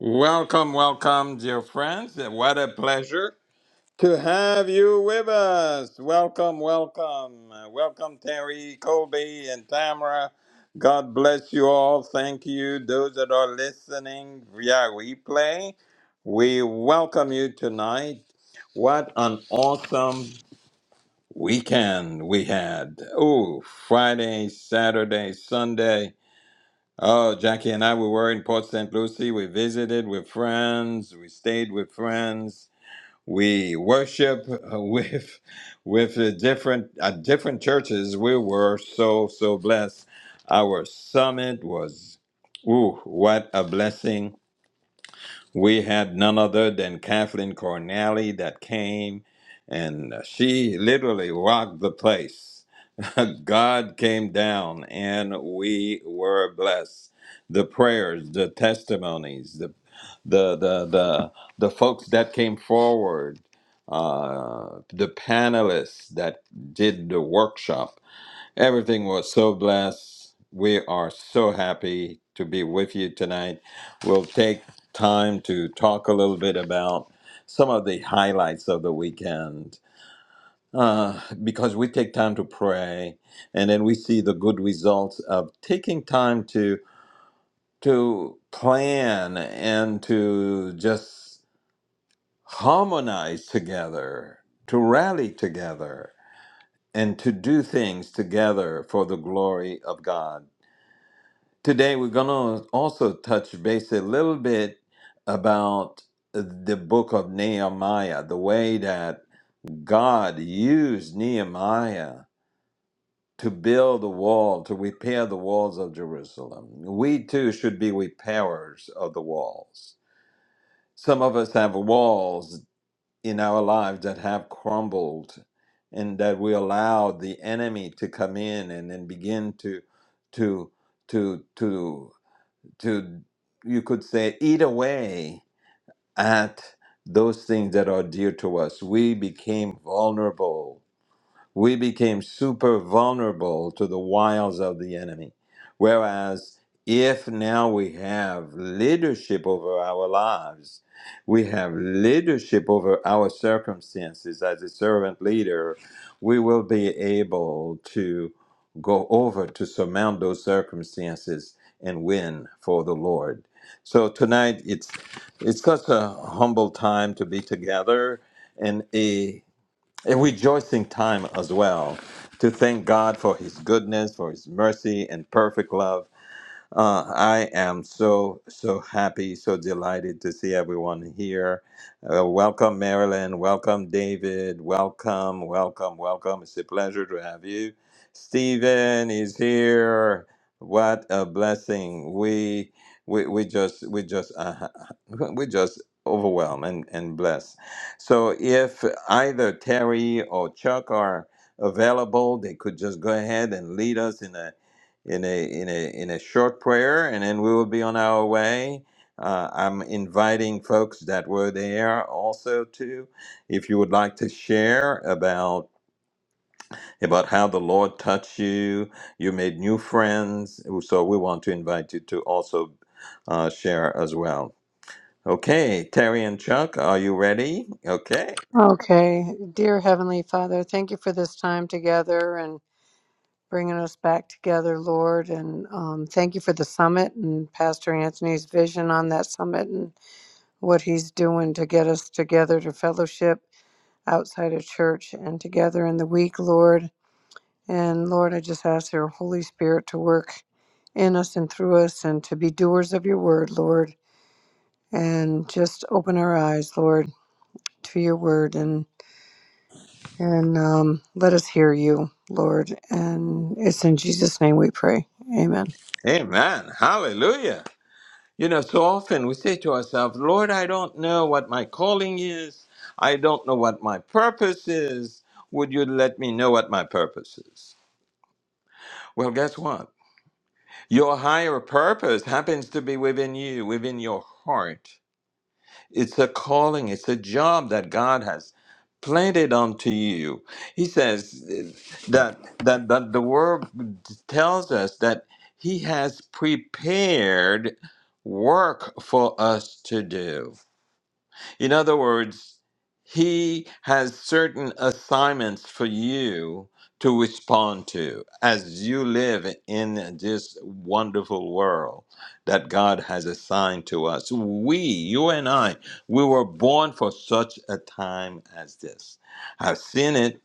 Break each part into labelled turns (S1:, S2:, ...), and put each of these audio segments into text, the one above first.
S1: Welcome, welcome, dear friends. What a pleasure to have you with us. Welcome, welcome. Uh, Welcome, Terry, Colby, and Tamara. God bless you all. Thank you. Those that are listening via replay, we welcome you tonight. What an awesome weekend we had. Oh, Friday, Saturday, Sunday. Oh, Jackie and I, we were in Port St. Lucie. We visited with friends. We stayed with friends. We worship uh, with with the different at different churches. We were so so blessed. Our summit was, ooh, what a blessing! we had none other than Kathleen Cornally that came, and she literally rocked the place. God came down, and we were blessed. The prayers, the testimonies, the the the the, the folks that came forward, uh, the panelists that did the workshop Everything was so blessed. We are so happy to be with you tonight. We'll take time to talk a little bit about some of the highlights of the weekend uh, because we take time to pray and then we see the good results of taking time to to plan and to just harmonize together, to rally together, and to do things together for the glory of God. Today, we're going to also touch base a little bit about the book of Nehemiah, the way that God used Nehemiah to build the wall, to repair the walls of Jerusalem. We too should be repairers of the walls. Some of us have walls in our lives that have crumbled and that we allowed the enemy to come in and then begin to to to to to you could say eat away at those things that are dear to us we became vulnerable we became super vulnerable to the wiles of the enemy. Whereas if now we have leadership over our lives, we have leadership over our circumstances as a servant leader, we will be able to go over to surmount those circumstances and win for the Lord. So tonight it's it's such a humble time to be together and a a rejoicing time as well to thank God for His goodness, for His mercy and perfect love, uh, I am so, so happy, so delighted to see everyone here. Uh, welcome, Marilyn. Welcome, David. Welcome, welcome, welcome. It's a pleasure to have you. Stephen is here. What a blessing. We, we, we just, we just, uh, we just overwhelmed and, and blessed. So if either Terry or Chuck are available, they could just go ahead and lead us in a in a in a in a short prayer, and then we will be on our way. Uh, I'm inviting folks that were there also to, if you would like to share about about how the Lord touched you, you made new friends. So we want to invite you to also uh, share as well. Okay, Terry and Chuck, are you ready? Okay,
S2: Okay. Dear Heavenly Father, thank you for this time together and bringing us back together, Lord. And um, thank you for the summit and Pastor Anthony's vision on that summit and what he's doing to get us together to fellowship outside of church and together in the week, Lord. And Lord, I just ask your Holy Spirit to work in us and through us and to be doers of your word, Lord. And just open our eyes, Lord, to your word. And um, let us hear you, Lord. And it's in Jesus' name we pray. Amen.
S1: Amen, Hallelujah. You know, so often we say to ourselves, Lord, I don't know what my calling is. I don't know what my purpose is. Would you let me know what my purpose is? Well, guess what? Your higher purpose happens to be within you, within your heart. It's a calling, it's a job that God has planted onto you. He says eh, that, that, that the word tells us that He has prepared work for us to do. In other words, he has certain assignments for you to respond to as you live in this wonderful world that God has assigned to us. We, you and I, we were born for such a time as this. I've seen it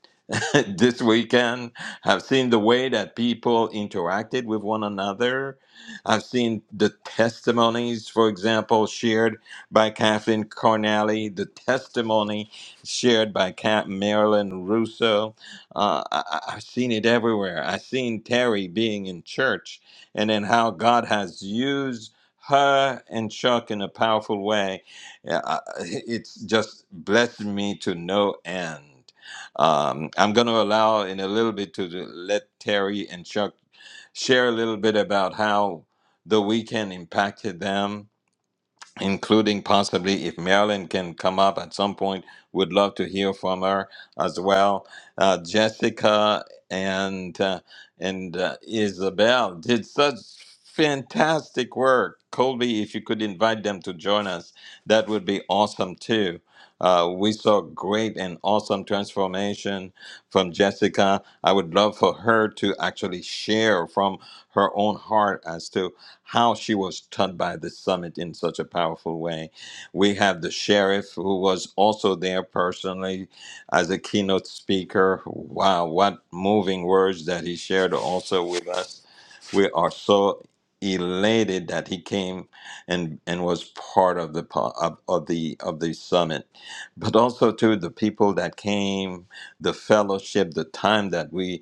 S1: this weekend. I've seen the way that people interacted with one another. I've seen the testimonies, for example, shared by Kathleen Cornally, the testimony shared by Cap Marilyn Russo. Uh, I, I- I've seen it everywhere. I've seen Terry being in church and then how God has used her and Chuck in a powerful way. Yeah, I- It's just blessed me to no end. Um, I'm going to allow in a little bit to the- let Terry and Chuck share a little bit about how the weekend impacted them including possibly if Marilyn can come up at some point, would love to hear from her as well. Uh, Jessica and uh, and uh, Isabel did such fantastic work. Colby, if you could invite them to join us, that would be awesome too. Uh, we saw great and awesome transformation from Jessica. I would love for her to actually share from her own heart as to how she was taught by the summit in such a powerful way. We have the sheriff who was also there personally as a keynote speaker. Wow, what moving words that he shared also with us. We are so elated that he came and and was part of the po- of, of the of the summit but also to the people that came the fellowship the time that we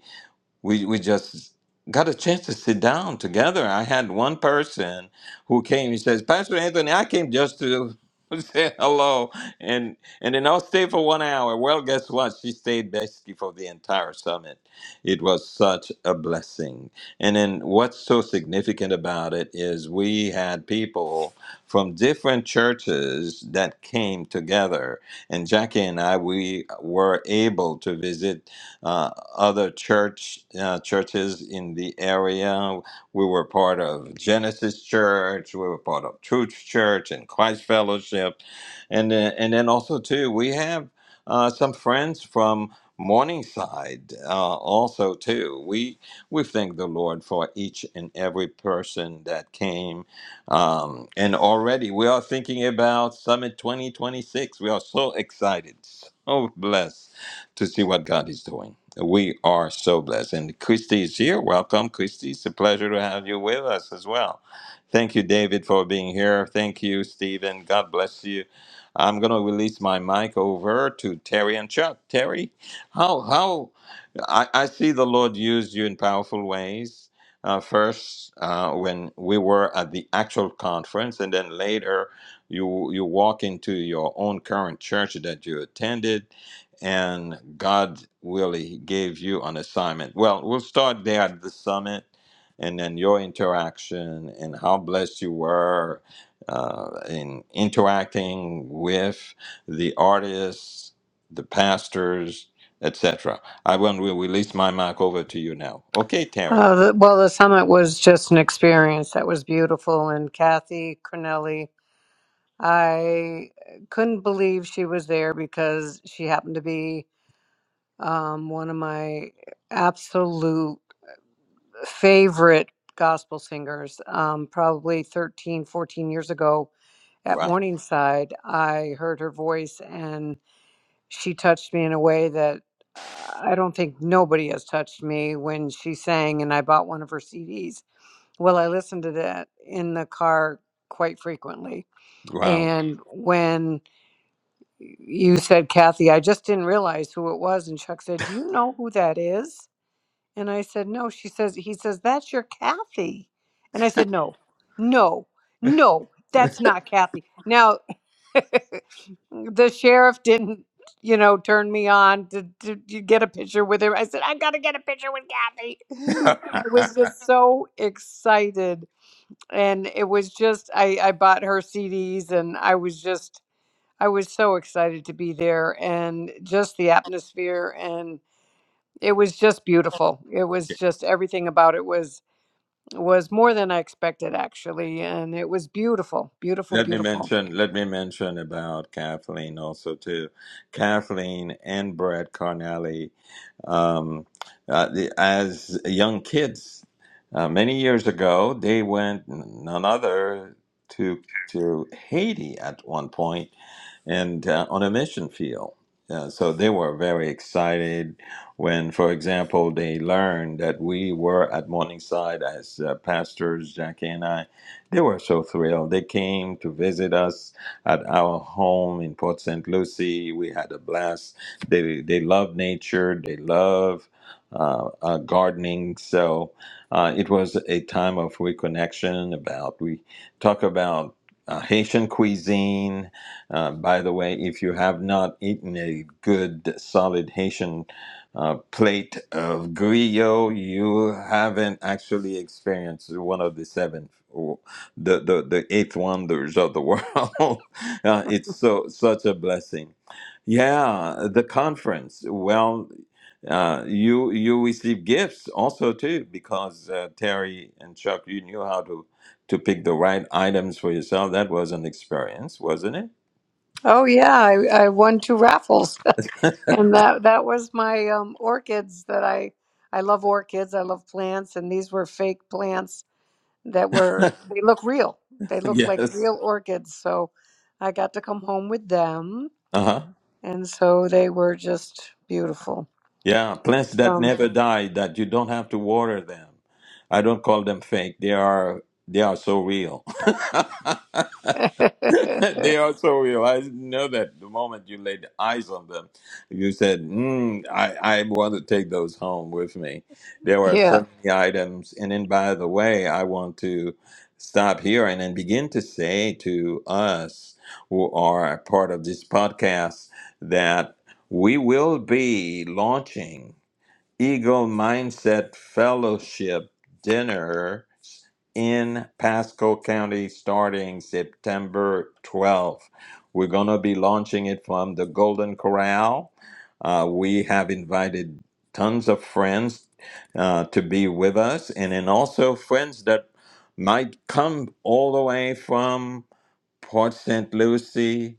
S1: we we just got a chance to sit down together. I had one person who came. He says, Pastor Anthony, I came just to say hello, and and then I'll stay for one hour. Well, guess what? She stayed basically for the entire summit. It was such a blessing. And then what's so significant about it is we had people from different churches that came together, and Jackie and I we were able to visit uh, other church uh, churches in the area. We were part of Genesis Church. We were part of Truth Church and Christ Fellowship, and then, and then also too we have uh, some friends from Morningside uh, also too. We we thank the Lord for each and every person that came, um, and already we are thinking about Summit 2026. We are so excited, so blessed to see what God is doing. We are so blessed. And Christy is here. Welcome, Christy. It's a pleasure to have you with us as well. Thank you, David, for being here. Thank you, Stephen. God bless you. I'm going to release my mic over to Terry and Chuck. Terry, how, how, I, I see the Lord used you in powerful ways. Uh, first, uh, when we were at the actual conference, and then later, you you walk into your own current church that you attended, and God really gave you an assignment. Well, we'll start there at the summit and then your interaction and how blessed you were uh, in interacting with the artists, the pastors, etc. I will will release my mic over to you now. Okay, Terry.
S2: Uh, the, well, the summit was just an experience that was beautiful. And Kathy Cornelli, I couldn't believe she was there because she happened to be um, one of my absolute favorite gospel singers. Um, probably 13, 14 years ago at
S1: Wow.
S2: Morningside, I heard her voice and she touched me in a way that uh, I don't think nobody has touched me when she sang, and I bought one of her CDs. Well, I listened to that in the car quite frequently.
S1: Wow.
S2: And when you said, Kathy, I just didn't realize who it was. And Chuck said, Do you know who that is? And I said, No. She says, He says, That's your Kathy. And I said, No, no, no, that's not Kathy. Now, the sheriff didn't, you know, turn me on to, to, to get a picture with her. I said, I got to get a picture with Kathy. I was just so excited. And it was just, I, I bought her CDs and I was just, I was so excited to be there and just the atmosphere it was just beautiful. It was just everything about it was was more than I expected actually, and it was beautiful, beautiful,
S1: let me
S2: beautiful.
S1: mention let me mention about Kathleen also too. Kathleen and Brett Carnelli Um, uh, the, as young kids, uh, many years ago, they went none other to to Haiti at one point and uh, on a mission field. Uh, so they were very excited when, for example, they learned that we were at Morningside as uh, pastors, Jackie and I. They were so thrilled. They came to visit us at our home in Port St. Lucie. We had a blast. They, they love nature, they love uh, uh, gardening. So uh, it was a time of reconnection about, we talk about uh, Haitian cuisine uh, by the way, if you have not eaten a good solid Haitian uh, plate of griot, you haven't actually experienced one of the seven, or the, the, the eighth wonders of the world. uh, it's so such a blessing. Yeah, the conference. Well, uh, you you receive gifts also too because uh, Terry and Chuck, you knew how to to pick the right items for yourself. That was an experience, wasn't it?
S2: Oh yeah, I, I won two raffles. And that that was my um, orchids that I I love orchids. I love plants, and these were fake plants that were they look real. They look like
S1: Yes.
S2: real orchids. So I got to come home with them,
S1: Uh huh.
S2: and so they were just beautiful.
S1: Yeah. Plants that
S2: Um,
S1: never die, that you don't have to water them. I don't call them fake. They are they are so real. they also realize know that the moment you laid eyes on them, you said, mm, I, I want to take those home with me. There are
S2: yeah.
S1: so many items. And then, by the way, I want to stop here and then begin to say to us who are a part of this podcast that we will be launching Eagle Mindset Fellowship Dinner in Pasco County starting September 12th. We're going to be launching it from the Golden Corral. Uh, we have invited tons of friends uh, to be with us, and then also friends that might come all the way from Port St. Lucie,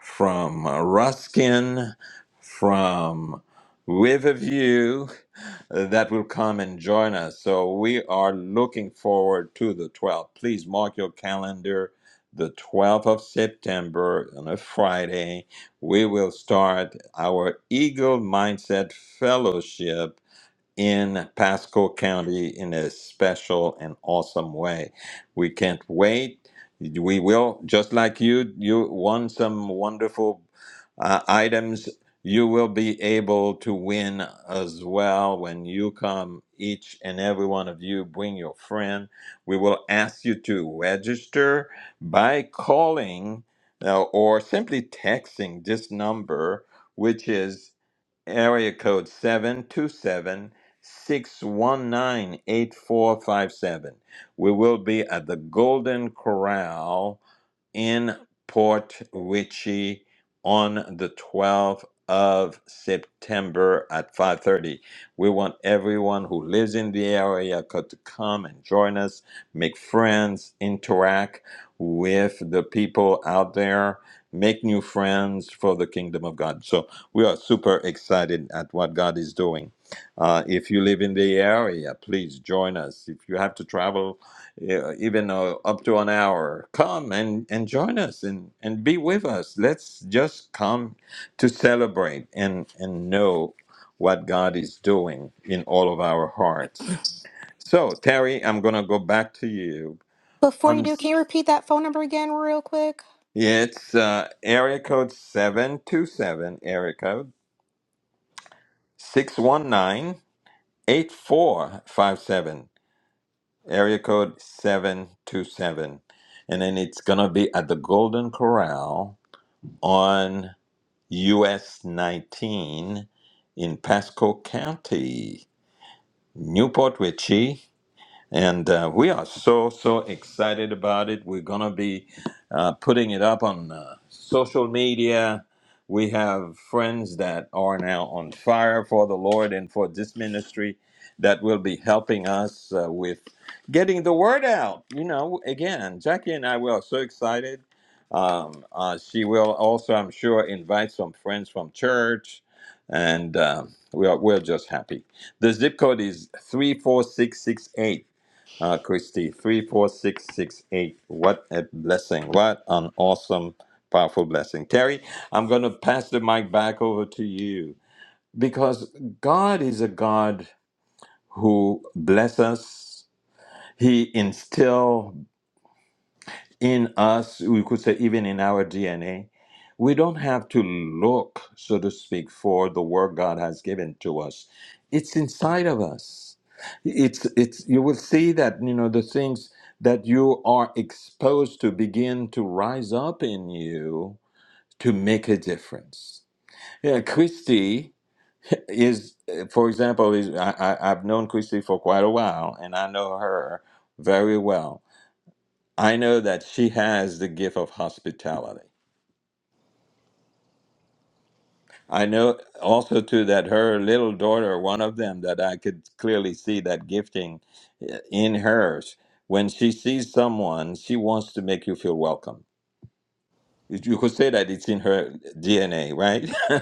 S1: from uh, Ruskin, from Riverview that will come and join us. So we are looking forward to the 12th. Please mark your calendar. The 12th of September on a Friday, we will start our Eagle Mindset Fellowship in Pasco County in a special and awesome way. We can't wait. We will, just like you, you won some wonderful uh, items. You will be able to win as well when you come. Each and every one of you, bring your friend. We will ask you to register by calling uh, or simply texting this number, which is area code 727 619 8457. We will be at the Golden Corral in Port Richey on the 12th of September at 5:30. We want everyone who lives in the area co- to come and join us, make friends, interact with the people out there, make new friends for the kingdom of God. So we are super excited at what God is doing. Uh, if you live in the area, please join us. If you have to travel yeah, even uh, up to an hour. Come and, and join us and, and be with us. Let's just come to celebrate and, and know what God is doing in all of our hearts. So, Terry, I'm going to go back to you.
S3: Before you
S1: On,
S3: do, can you repeat that phone number again real quick?
S1: it's uh, area code 727, area code 619 8457. area code 727. And then it's going to be at the Golden Corral on US 19 in Pasco County, Newport Richey. And uh, we are so, so excited about it. We're going to be uh, putting it up on uh, social media. We have friends that are now on fire for the Lord and for this ministry that will be helping us uh, with getting the word out. You know, again, Jackie and I we are so excited. Um, uh, she will also, I'm sure, invite some friends from church, and um we are we're just happy. The zip code is three four six six eight. Uh, Christy, 34668. What a blessing. What an awesome, powerful blessing. Terry, I'm going to pass the mic back over to you because God is a God who blesses us. He instills in us, we could say even in our DNA, we don't have to look, so to speak, for the work God has given to us. It's inside of us. It's it's you will see that you know the things that you are exposed to begin to rise up in you to make a difference. Yeah, Christy is, for example, is I, I, I've known Christy for quite a while, and I know her very well I know that she has the gift of hospitality. I know also too that her little daughter, one of them, that I could clearly see that gifting eh, in hers. When she sees someone, she wants to make you feel welcome. You you could say that it's in her DNA, right?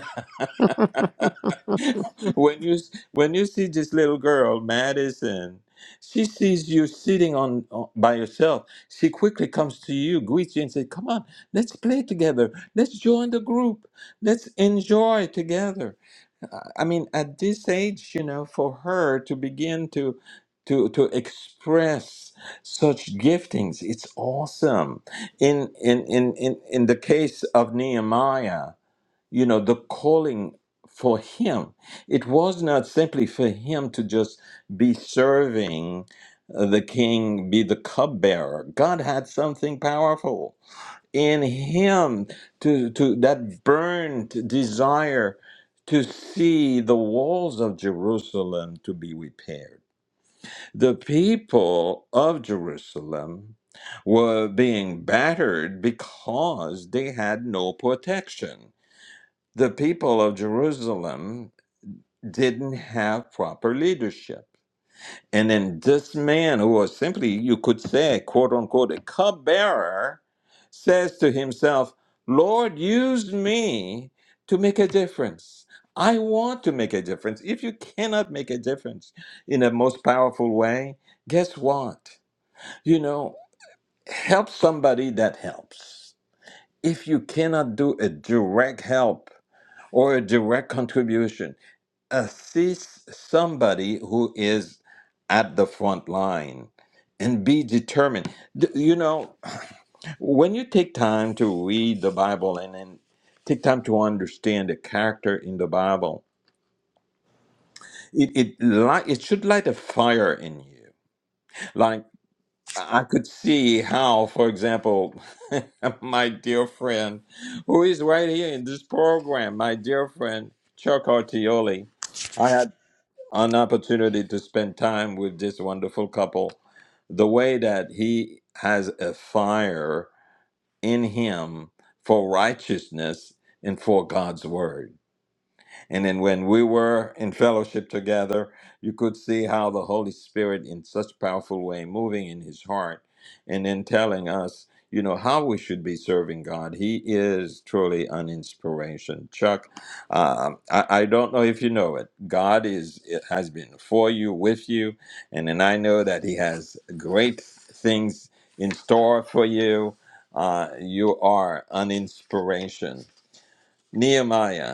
S1: when you when you see this little girl Madison, she sees you sitting on, on by yourself. She quickly comes to you, greets you, and says, "Come on, let's play together. Let's join the group. Let's enjoy together." I I mean, at this age, you know, for her to begin to to to express such giftings, it's awesome. In in in in, in the case of Nehemiah you know the calling for him it was not simply for him to just be serving uh, the king be the cupbearer god had something powerful in him to to that burnt desire to see the walls of jerusalem to be repaired the people of jerusalem were being battered because they had no protection the people of Jerusalem didn't have proper leadership. And then this man, who was simply, you could say, quote unquote, a cupbearer, says to himself, Lord, use me to make a difference. I want to make a difference. If you cannot make a difference in the most powerful way, guess what? You know, help somebody that helps. If you cannot do a direct help or a direct contribution, assist somebody who is at the front line and be determined. D- You know, when you take time to read the Bible and then take time to understand the character in the Bible, it it light, it should light a fire in you. Like I could see how, for example, my dear friend, who is right here in this program, my dear friend Chuck Artioli, an opportunity to spend time with this wonderful couple. The way that he has a fire in him for righteousness and for God's word. And then when we were in fellowship together, you could see how the Holy Spirit in such powerful way moving in his heart and then telling us, you know, how we should be serving God. He is truly an inspiration. Chuck, um, I, I don't know if you know it. God is it has been for you, with you, and then I know that he has great things in store for you. Uh, you are an inspiration. Nehemiah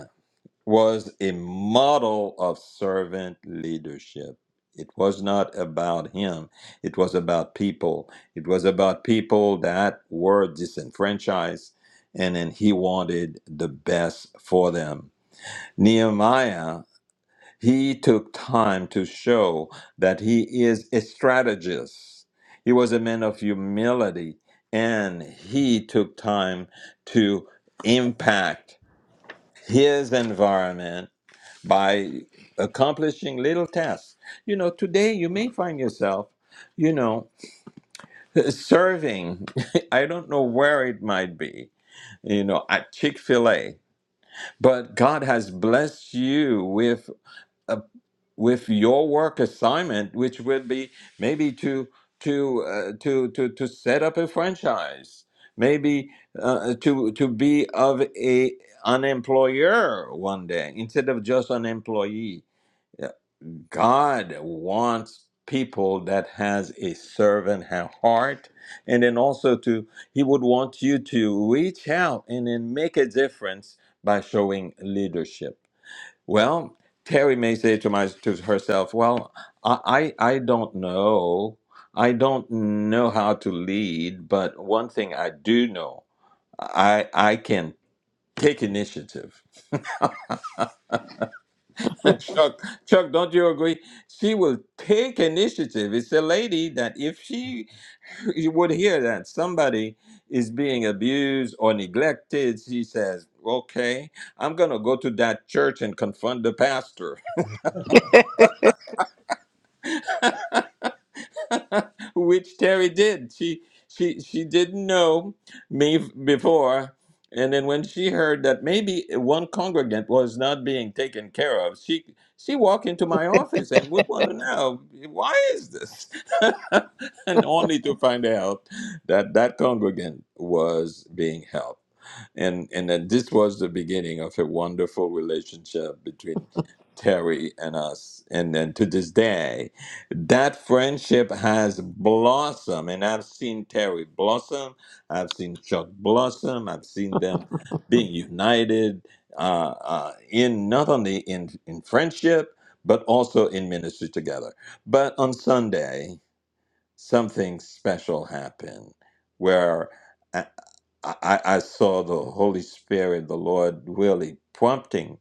S1: was a model of servant leadership. It was not about him, it was about people. It was about people that were disenfranchised, and then he wanted the best for them. Nehemiah, he took time to show that he is a strategist, he was a man of humility, and he took time to impact his environment by accomplishing little tasks. You know, today you may find yourself, you know, serving, I don't know where it might be, you know, at Chick fil A, but God has blessed you with. A, with your work assignment, which would be maybe to to uh, to to to set up a franchise, maybe uh, to to be of a an employer one day instead of just an employee, God wants people that has a servant heart and then also to he would want you to reach out and then make a difference by showing leadership well terry may say to my to herself well i i, I don't know i don't know how to lead but one thing i do know i i can take initiative Chuck, Chuck, don't you agree? She will take initiative. It's a lady that if she you would hear that somebody is being abused or neglected, she says, "Okay, I'm gonna go to that church and confront the pastor." which Terry did. She she she didn't know me f- before, and then when she heard that maybe one congregant was not being taken care of, she she walked into my office and would want to know why is this, and only to find out that that congregant was being helped and and that this was the beginning of a wonderful relationship between Terry and us, and then to this day, that friendship has blossomed, and I've seen Terry blossom, I've seen Chuck blossom, I've seen them being united uh, uh, in not only in in friendship but also in ministry together. But on Sunday, something special happened where. uh, I, I saw the Holy Spirit, the Lord, really prompting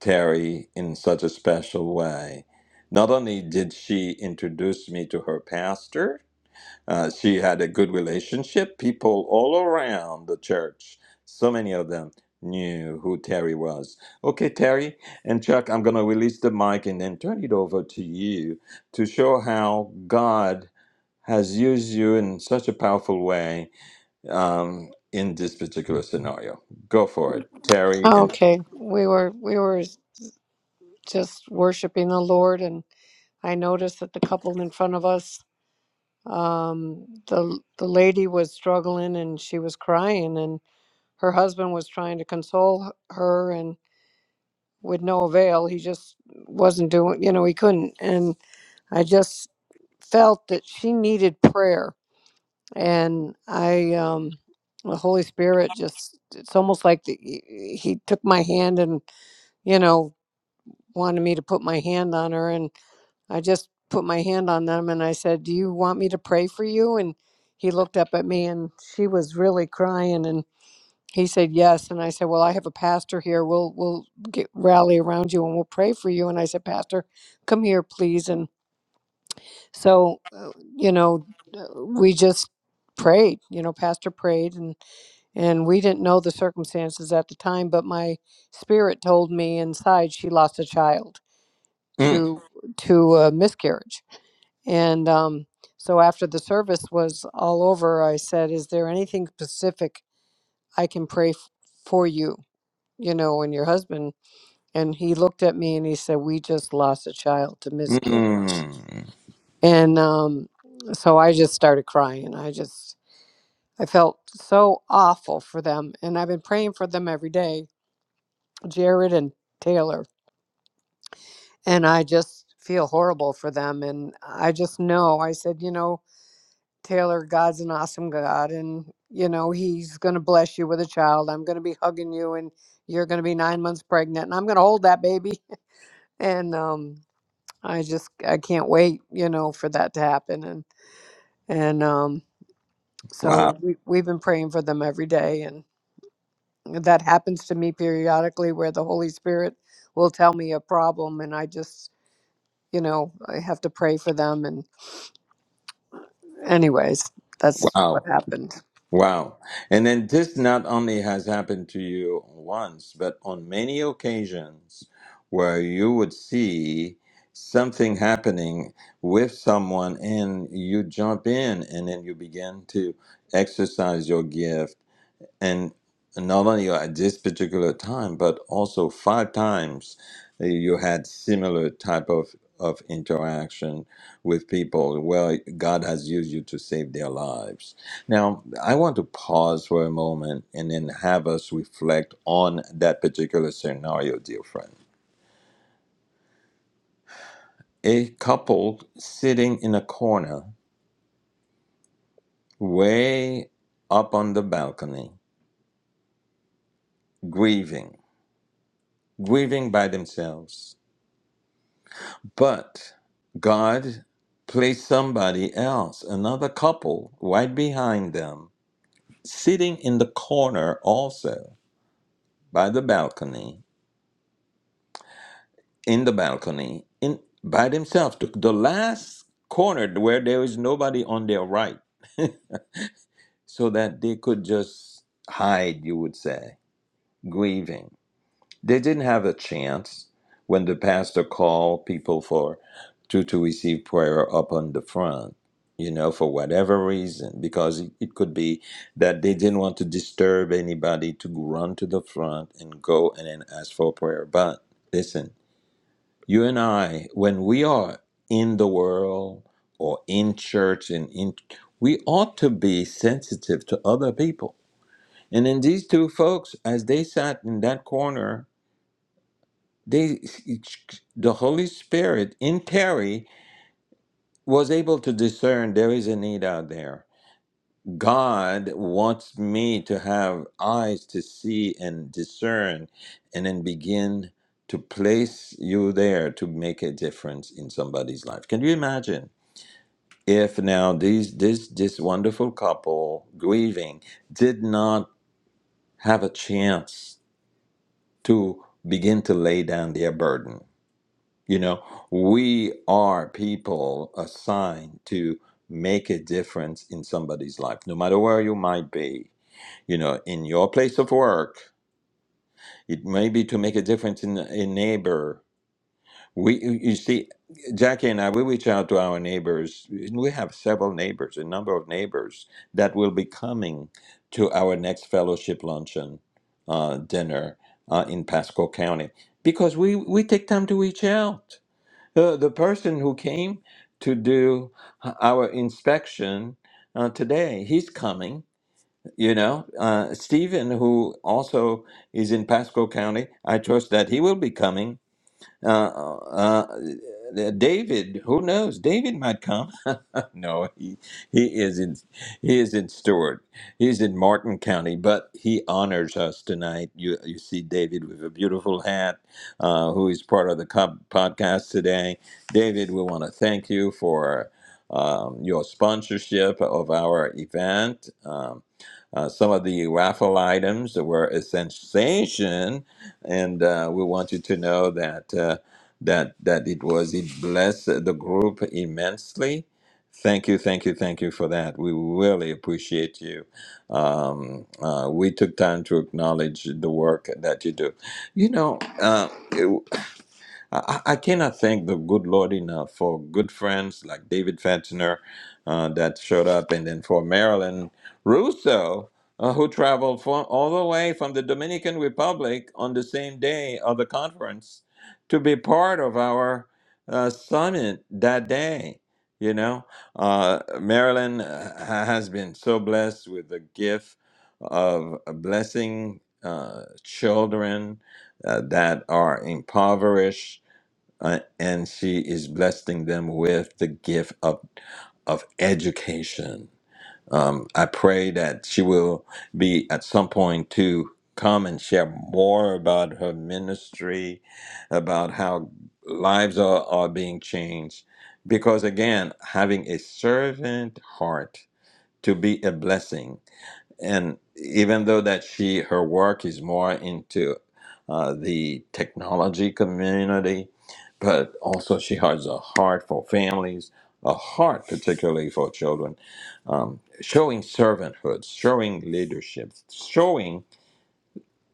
S1: Terry in such a special way. Not only did she introduce me to her pastor, uh, she had a good relationship. People all around the church, so many of them knew who Terry was. Okay, Terry and Chuck, I'm going to release the mic and then turn it over to you to show how God has used you in such a powerful way um, in this particular scenario. Go for it, Terry. And
S2: okay, we were we were just worshiping the Lord, and I noticed that the couple in front of us um the the lady was struggling and she was crying and her husband was trying to console h- her and with no avail he just wasn't doing you know he couldn't and i just felt that she needed prayer and i um the holy spirit just it's almost like the, he he took my hand and you know wanted me to put my hand on her and. I just put my hand on them and I said, Do you want me to pray for you? And he looked up at me and she was really crying and he said yes and I said, Well, I have a pastor here. We'll we'll get rally around you and we'll pray for you. And I said, Pastor, come here, please. And so uh, you know, uh, we just prayed. You know, Pastor prayed and and we didn't know the circumstances at the time, but my spirit told me inside she lost a child
S1: mm,
S2: to to a miscarriage and um, so after the service was all over, I said, Is there anything specific I can pray f- for you, you know, and your husband? And he looked at me and he said, We just lost a child to miscarriage.
S1: mm,
S2: And um, so I just started crying. I just, I felt so awful for them. And I've been praying for them every day, Jared and Taylor. And I just feel horrible for them. And I just know, I said, You know, Taylor, God's an awesome God, and you know He's going to bless you with a child. I'm going to be hugging you, and you're going to be nine months pregnant, and I'm going to hold that baby. And um, I just I can't wait, you know, for that to happen. And and um,
S1: wow,
S2: so we we've been praying for them every day, and that happens to me periodically, where the Holy Spirit will tell me a problem, and I just you know I have to pray for them. And anyways, that's what
S1: wow,
S2: happened.
S1: wow. And then this not only has happened to you once, but on many occasions where you would see something happening with someone and you jump in and then you begin to exercise your gift and not only at this particular time, but also five times uh, you had similar type of, of interaction with people where God has used you to save their lives. Now, I want to pause for a moment and then have us reflect on that particular scenario, dear friend. A couple sitting in a corner, way up on the balcony, grieving, grieving by themselves But God placed somebody else, another couple, right behind them, sitting in the corner also by the balcony, in the balcony, in by themselves, the, the last corner where there is nobody on their right, so that they could just hide, you would say, grieving. They didn't have a chance when the pastor called people for to, to receive prayer up on the front, you know, for whatever reason, because it, it could be that they didn't want to disturb anybody to run to the front and go and then ask for prayer. But listen, you and I, when we are in the world or in church and in we ought to be sensitive to other people. And then these two folks, as they sat in that corner they the holy spirit in terry was able to discern there is a need out there god wants me to have eyes to see and discern and then begin to place you there to make a difference in somebody's life can you imagine if now these this this wonderful couple grieving did not have a chance to begin to lay down their burden You know, we are people assigned to make a difference in somebody's life, no matter where you might be. You know, in your place of work, it may be to make a difference in a neighbor. We, you you see, Jackie and I, we reach out to our neighbors. We have several neighbors, a number of neighbors that will be coming to our next fellowship luncheon uh, dinner uh, in Pasco County because we, we take time to reach out uh, the person who came to do our inspection uh, today, he's coming, you know. Uh, Stephen, who also is in Pasco County, I trust that he will be coming uh, uh, uh, David, who knows? David might come. no, he he is in he is in Stewart. He's in Martin County, but he honors us tonight. You you see David with a beautiful hat, uh, who is part of the co- podcast today. David, we want to thank you for um, your sponsorship of our event. Um, uh, some of the raffle items were a sensation and uh, we want you to know that uh, that that it was it blessed the group immensely. Thank you, thank you, thank you for that. We really appreciate you. Um, uh, we took time to acknowledge the work that you do. You know, uh, I, I I cannot thank the good Lord enough for good friends like David Fetchner uh, that showed up, and then for Marilyn Russo, uh, who traveled from, all the way from the Dominican Republic on the same day of the conference to be part of our uh, summit that day. You know, uh, Marilyn uh, ha- has been so blessed with the gift of blessing uh, children uh, that are impoverished uh, and she is blessing them with the gift of of education. Um, I pray that she will be at some point to come and share more about her ministry, about how lives are, are being changed. Because again, having a servant heart to be a blessing and even though that she her work is more into uh, the technology community, but also she has a heart for families, a heart particularly for children, um, showing servanthood, showing leadership, showing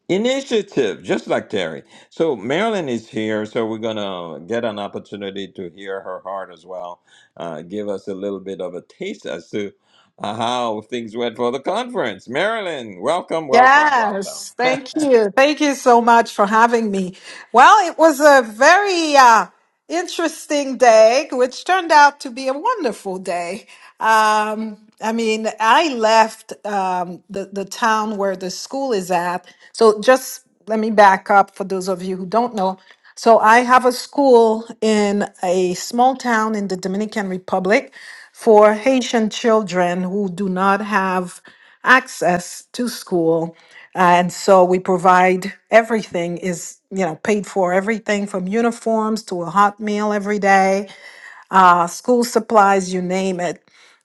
S1: Initiative, just like Terry. So Marilyn is here, so we're gonna get an opportunity to hear her heart as well. Uh, give us a little bit of a taste as to uh, how things went for the conference. Marilyn, welcome, welcome, welcome.
S4: Yes, thank you. Thank you so much for having me. Well, it was a very uh, interesting day, which turned out to be a wonderful day. Um, I mean, I left um, the, the town where the school is at. So just let me back up for those of you who don't know. So I have a school in a small town in the Dominican Republic for Haitian children who do not have access to school. And so we provide everything is, you know, paid for everything from uniforms to a hot meal every day uh, school supplies, you name it.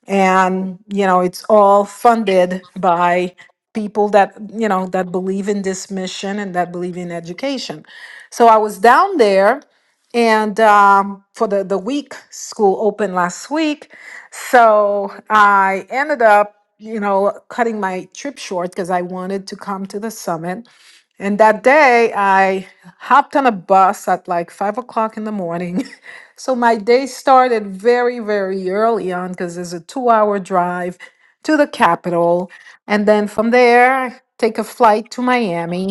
S4: And, you know, it's all funded by people that, you know, that believe in this mission and that believe in education. So I was down there and um, for the, the week, school opened last week. So I ended up, you know, cutting my trip short because I wanted to come to the summit. And that day, I hopped on a bus at like five o'clock in the morning. so my day started very, very early on because there's a two hour drive to the capital. And then from there, take a flight to Miami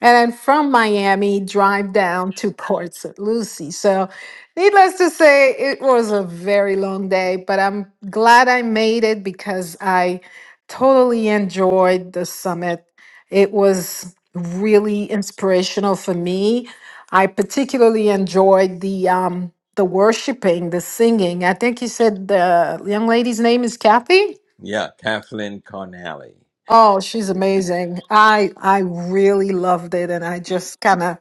S4: and then from Miami, drive down to Port St. Lucie. So, needless to say, it was a very long day, but I'm glad I made it because I totally enjoyed the summit. It was really inspirational for me. I particularly enjoyed the um, the worshiping, the singing. I think you said the young lady's name is Kathy.
S1: yeah, Kathleen Connelly.
S4: Oh, she's amazing. I I really loved it and I just kind of,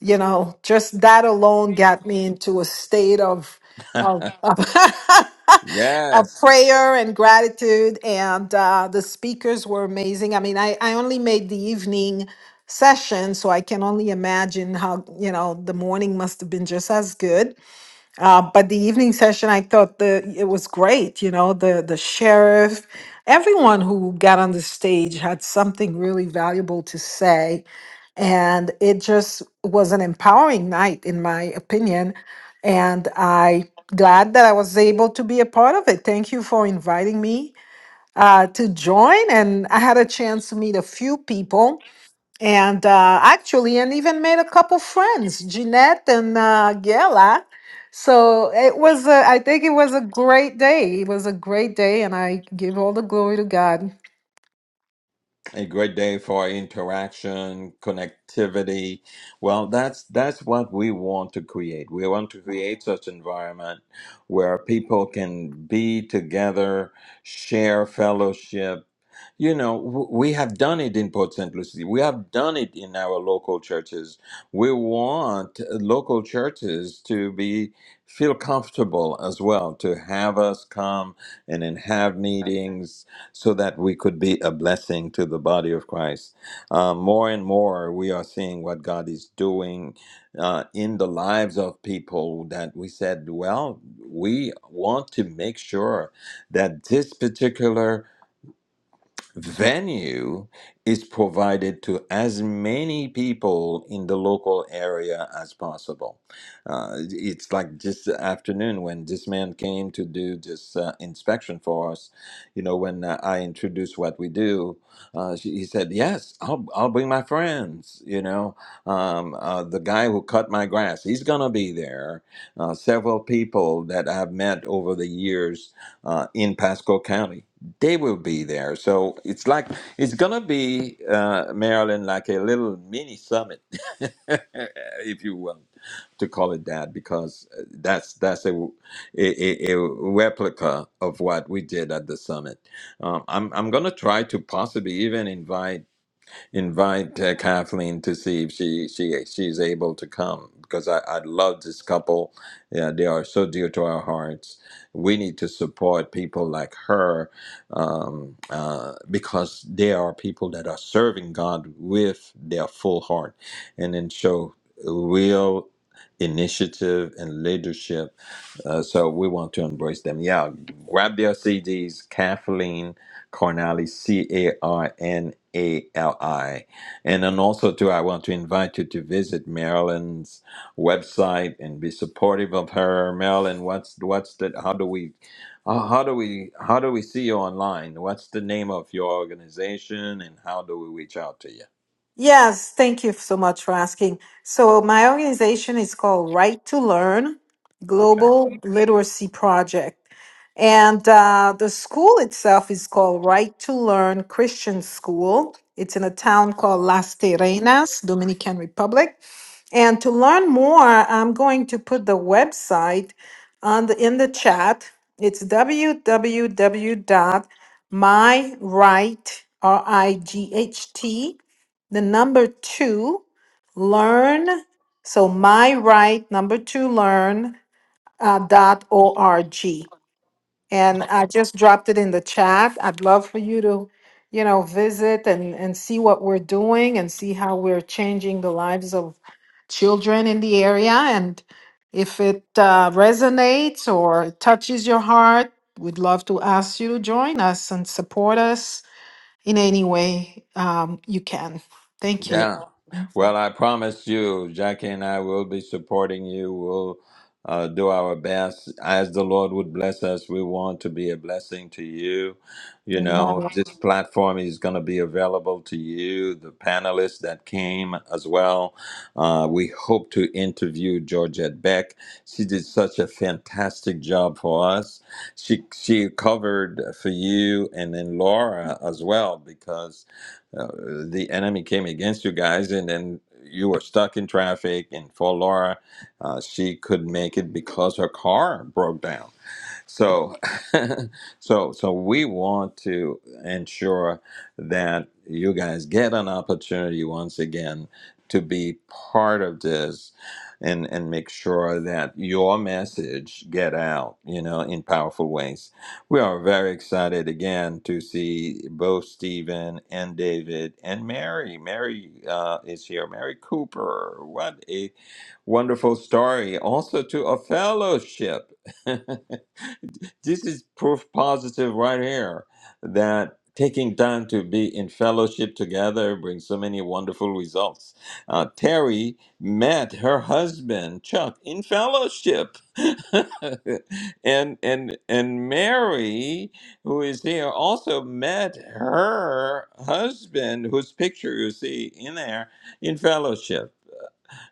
S4: you know, just that alone got me into a state of of of, of
S1: yes.
S4: prayer and gratitude and uh the speakers were amazing. I mean, I I only made the evening session, so I can only imagine how, you know, the morning must have been just as good. Uh, but the evening session, I thought the it was great. You know, the the sheriff, everyone who got on the stage had something really valuable to say, and it just was an empowering night, in my opinion. And I glad that I was able to be a part of it. Thank you for inviting me uh, to join, and I had a chance to meet a few people and uh, actually, and even made a couple friends, Jeanette and uh, Gela. So it was, a, I think it was a great day. It was a great day, and I give all the glory to God.
S1: a great day for interaction, connectivity. Well, that's that's what we want to create. We want to create such environment where people can be together, share fellowship. You know, w- we have done it in Port St. Lucie. We have done it in our local churches. We want local churches to be feel comfortable as well to have us come and then have meetings so that we could be a blessing to the body of Christ. Uh, more and more, we are seeing what God is doing uh, in the lives of people that we said, well, we want to make sure that this particular venue is provided to as many people in the local area as possible. Uh, it's like this afternoon when this man came to do this uh, inspection for us. You know, when uh, I introduced what we do, uh, she, he said, "Yes, I'll I'll bring my friends." You know, um, uh, the guy who cut my grass, he's gonna be there. Uh, several people that I've met over the years uh, in Pasco County they will be there. So it's like it's gonna be uh, Maryland like a little mini summit, if you will, to call it that, because uh, that's that's a a, a- a replica of what we did at the summit. Um, I'm I'm gonna try to possibly even invite invite uh, Kathleen to see if she she she's able to come because I, I love this couple. Yeah, they are so dear to our hearts. We need to support people like her um, uh, because they are people that are serving God with their full heart and then show real initiative and leadership uh, so we want to embrace them. Yeah, grab their CDs, Kathleen Carnally, C A R N A L I. And then also, too, I want to invite you to visit Marilyn's website and be supportive of her. Marilyn, what's what's the how do we uh, how do we how do we see you online? What's the name of your organization and how do we reach out to you?
S4: Yes, thank you so much for asking. So my organization is called Right to Learn
S1: Okay.
S4: Global Literacy Project. And uh, the school itself is called Right to Learn Christian School. It's in a town called Las Terrenas, Dominican Republic. And to learn more, I'm going to put the website on the, in the chat. It's w w w dot www.myright, R I G H T, the number two, learn. So my right number two learn uh, dot org. And I just dropped it in the chat. I'd love for you to, you know, visit and, and see what we're doing and see how we're changing the lives of children in the area. And if it uh, resonates or touches your heart, we'd love to ask you to join us and support us in any way um, you can. Thank you.
S1: Yeah. Well, I promise you, Jackie and I will be supporting you. We'll uh, do our best. As the Lord would bless us, we want to be a blessing to you. You know,
S4: Amen.
S1: this platform is going to be available to you, the panelists that came as well. Uh, we hope to interview Georgette Beck. She did such a fantastic job for us. She, she covered for you and then Laura as well because uh, the enemy came against you guys, and then you were stuck in traffic. And for Laura, uh, she couldn't make it because her car broke down so, so, so we want to ensure that you guys get an opportunity once again to be part of this, and and make sure that your message get out, you know, in powerful ways. We are very excited again to see both Stephen and David and Mary. Mary uh, is here. Mary Cooper. What a wonderful story! Also to a fellowship. this is proof positive right here that taking time to be in fellowship together brings so many wonderful results. Uh, Terry met her husband Chuck in fellowship, and and and Mary, who is here, also met her husband, whose picture you see in there, in fellowship.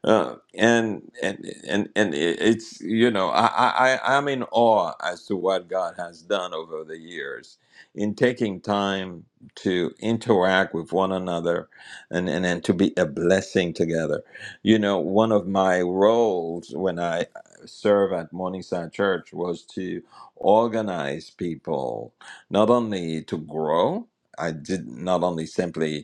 S1: Uh, and and and and it- it's you know I, I I- I'm in awe as to what God has done over the years in taking time to interact with one another and and, and to be a blessing together. You know, one of my roles when I serve at Morningside Church was to organize people not only to grow. I did not only simply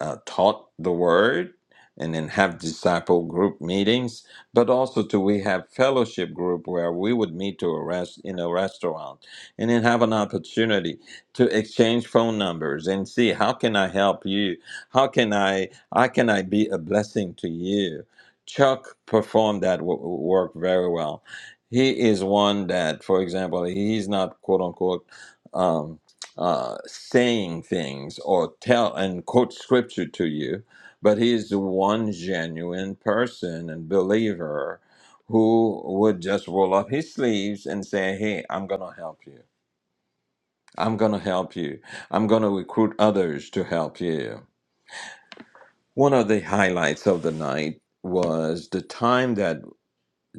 S1: uh, taught the word and then have disciple group meetings, but also to we have fellowship group where we would meet to a rest in a restaurant and then have an opportunity to exchange phone numbers and see how can I help you? How can I how can I be a blessing to you? Chuck performed that w- work very well. He is one that, for example, he's not quote unquote um, uh, saying things or tell and quote scripture to you, but he is the one genuine person and believer who would just roll up his sleeves and say, Hey, I'm going to help you. I'm going to help you. I'm going to recruit others to help you. One of the highlights of the night was the time that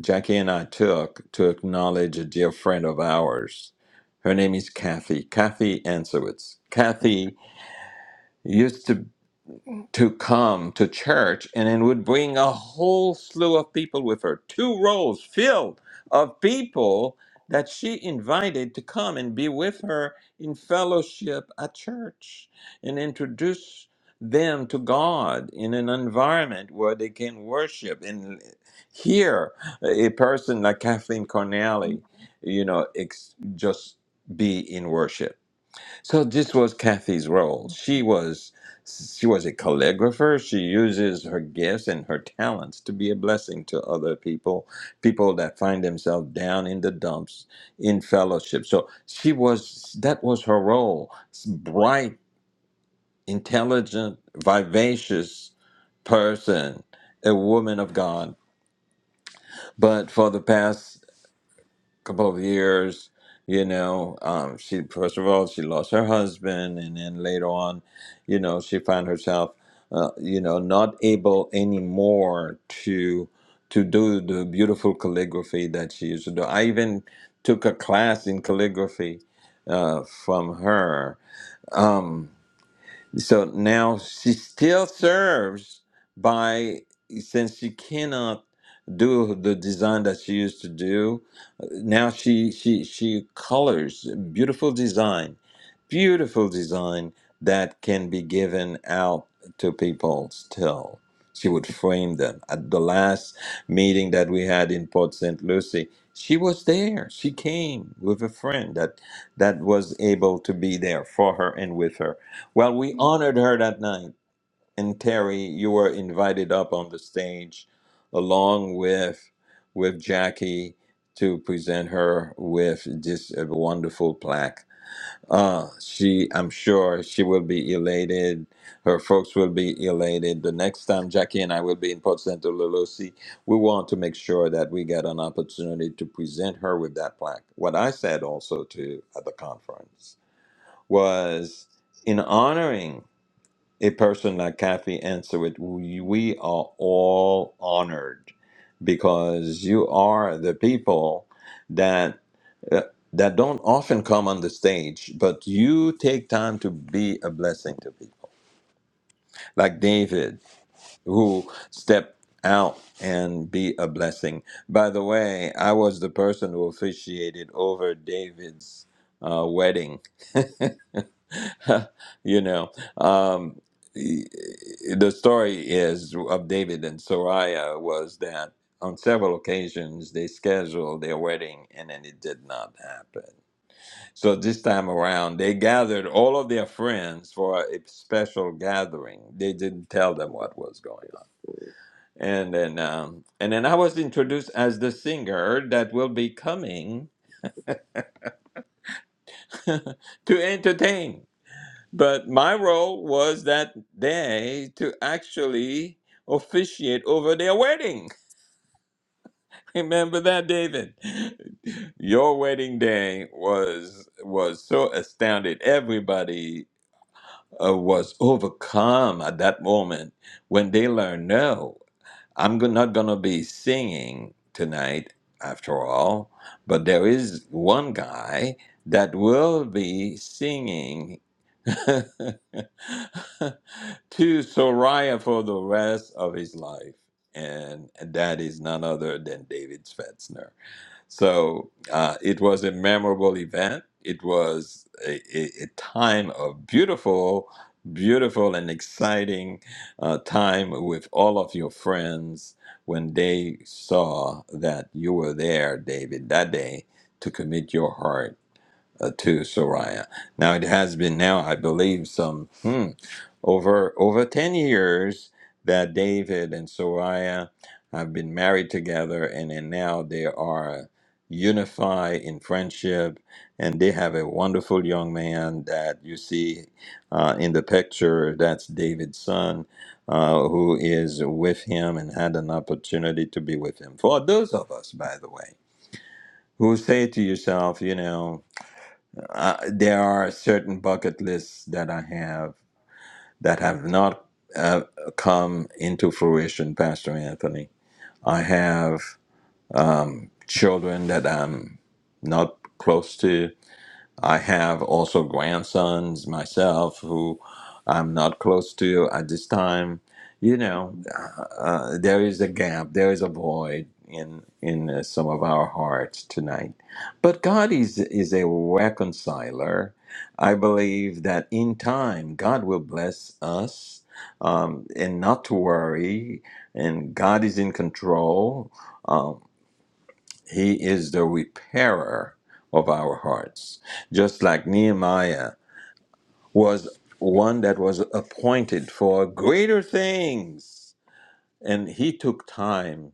S1: Jackie and I took to acknowledge a dear friend of ours. Her name is Kathy, Kathy Ansowitz. Kathy used to to come to church and then would bring a whole slew of people with her, two rows filled of people that she invited to come and be with her in fellowship at church and introduce them to God in an environment where they can worship and hear a person like Kathleen
S4: Um.
S1: Cornelly, you know, ex- just be in worship so this was Kathy's role. She was she was a calligrapher. She uses her gifts and her talents to be a blessing to other people, people that find themselves down in the dumps in fellowship. So she was that was her role. Bright, intelligent, vivacious person, a woman of God. But for the past couple of years. You know, um, she first of all she lost her husband, and then later on, you know, she found herself, uh, you know, not able anymore to to do the beautiful calligraphy that she used to do. I even took a class in calligraphy uh, from her. Um, so now she still serves by since she cannot do the design that she used to do now she she she colors beautiful design beautiful design that can be given out to people still she would frame them at the last meeting that we had in port st lucie she was there she came with a friend that that was able to be there for her and with her well we honored her that night and Terry, you were invited up on the stage along with with Jackie to present her with this uh, wonderful plaque. Uh, she, I'm sure, she will be elated. Her folks will be elated. The next time Jackie and I will be in Port Santo Lulosi, we want to make sure that we get an opportunity to present her with that plaque. What I said also to at the conference was in honoring a person like Kathy answered, we we are all honored because you are the people that uh, that don't often come on the stage, but you take time to be a blessing to people, like David, who stepped out and be a blessing. By the way, I was the person who officiated over David's uh, wedding. you know, um, e- e, the story is of David and Sariah was that on several occasions they scheduled their wedding and then it did not happen. So this time around, they gathered all of their friends for a special gathering. They didn't tell them what was going on, and then um, and then I was introduced as the singer that will be coming to entertain. But my role was that day to actually officiate over their wedding. Remember that, David? Your wedding day was was so astounded. Everybody uh, was overcome at that moment when they learned, no, I'm go- not going to be singing tonight after all, but there is one guy that will be singing to Soriah for the rest of his life. And that is none other than David Svetzner. So uh, it was a memorable event. It was a, a, a time of beautiful, beautiful, and exciting uh, time with all of your friends when they saw that you were there, David, that day to commit your heart uh, to Soraya. Now it has been now, I believe, some hmm, over over ten years that David and Soraya have been married together, and then now they are unified in friendship, and they have a wonderful young man that you see uh, in the picture. That's David's son. Uh, who is with him and had an opportunity to be with him? For those of us, by the way, who say to yourself, you know, uh, there are certain bucket lists that I have that have not uh, come into fruition, Pastor Anthony. I have um, children that I'm not close to. I have also grandsons myself who I'm not close to at this time. You know, uh, uh, there is a gap, there is a void in in uh, some of our hearts tonight. But God is is a reconciler. I believe that in time God will bless us, um, and not to worry. And God is in control. um, he is the repairer of our hearts. Just like Nehemiah was one that was appointed for greater things. And he took time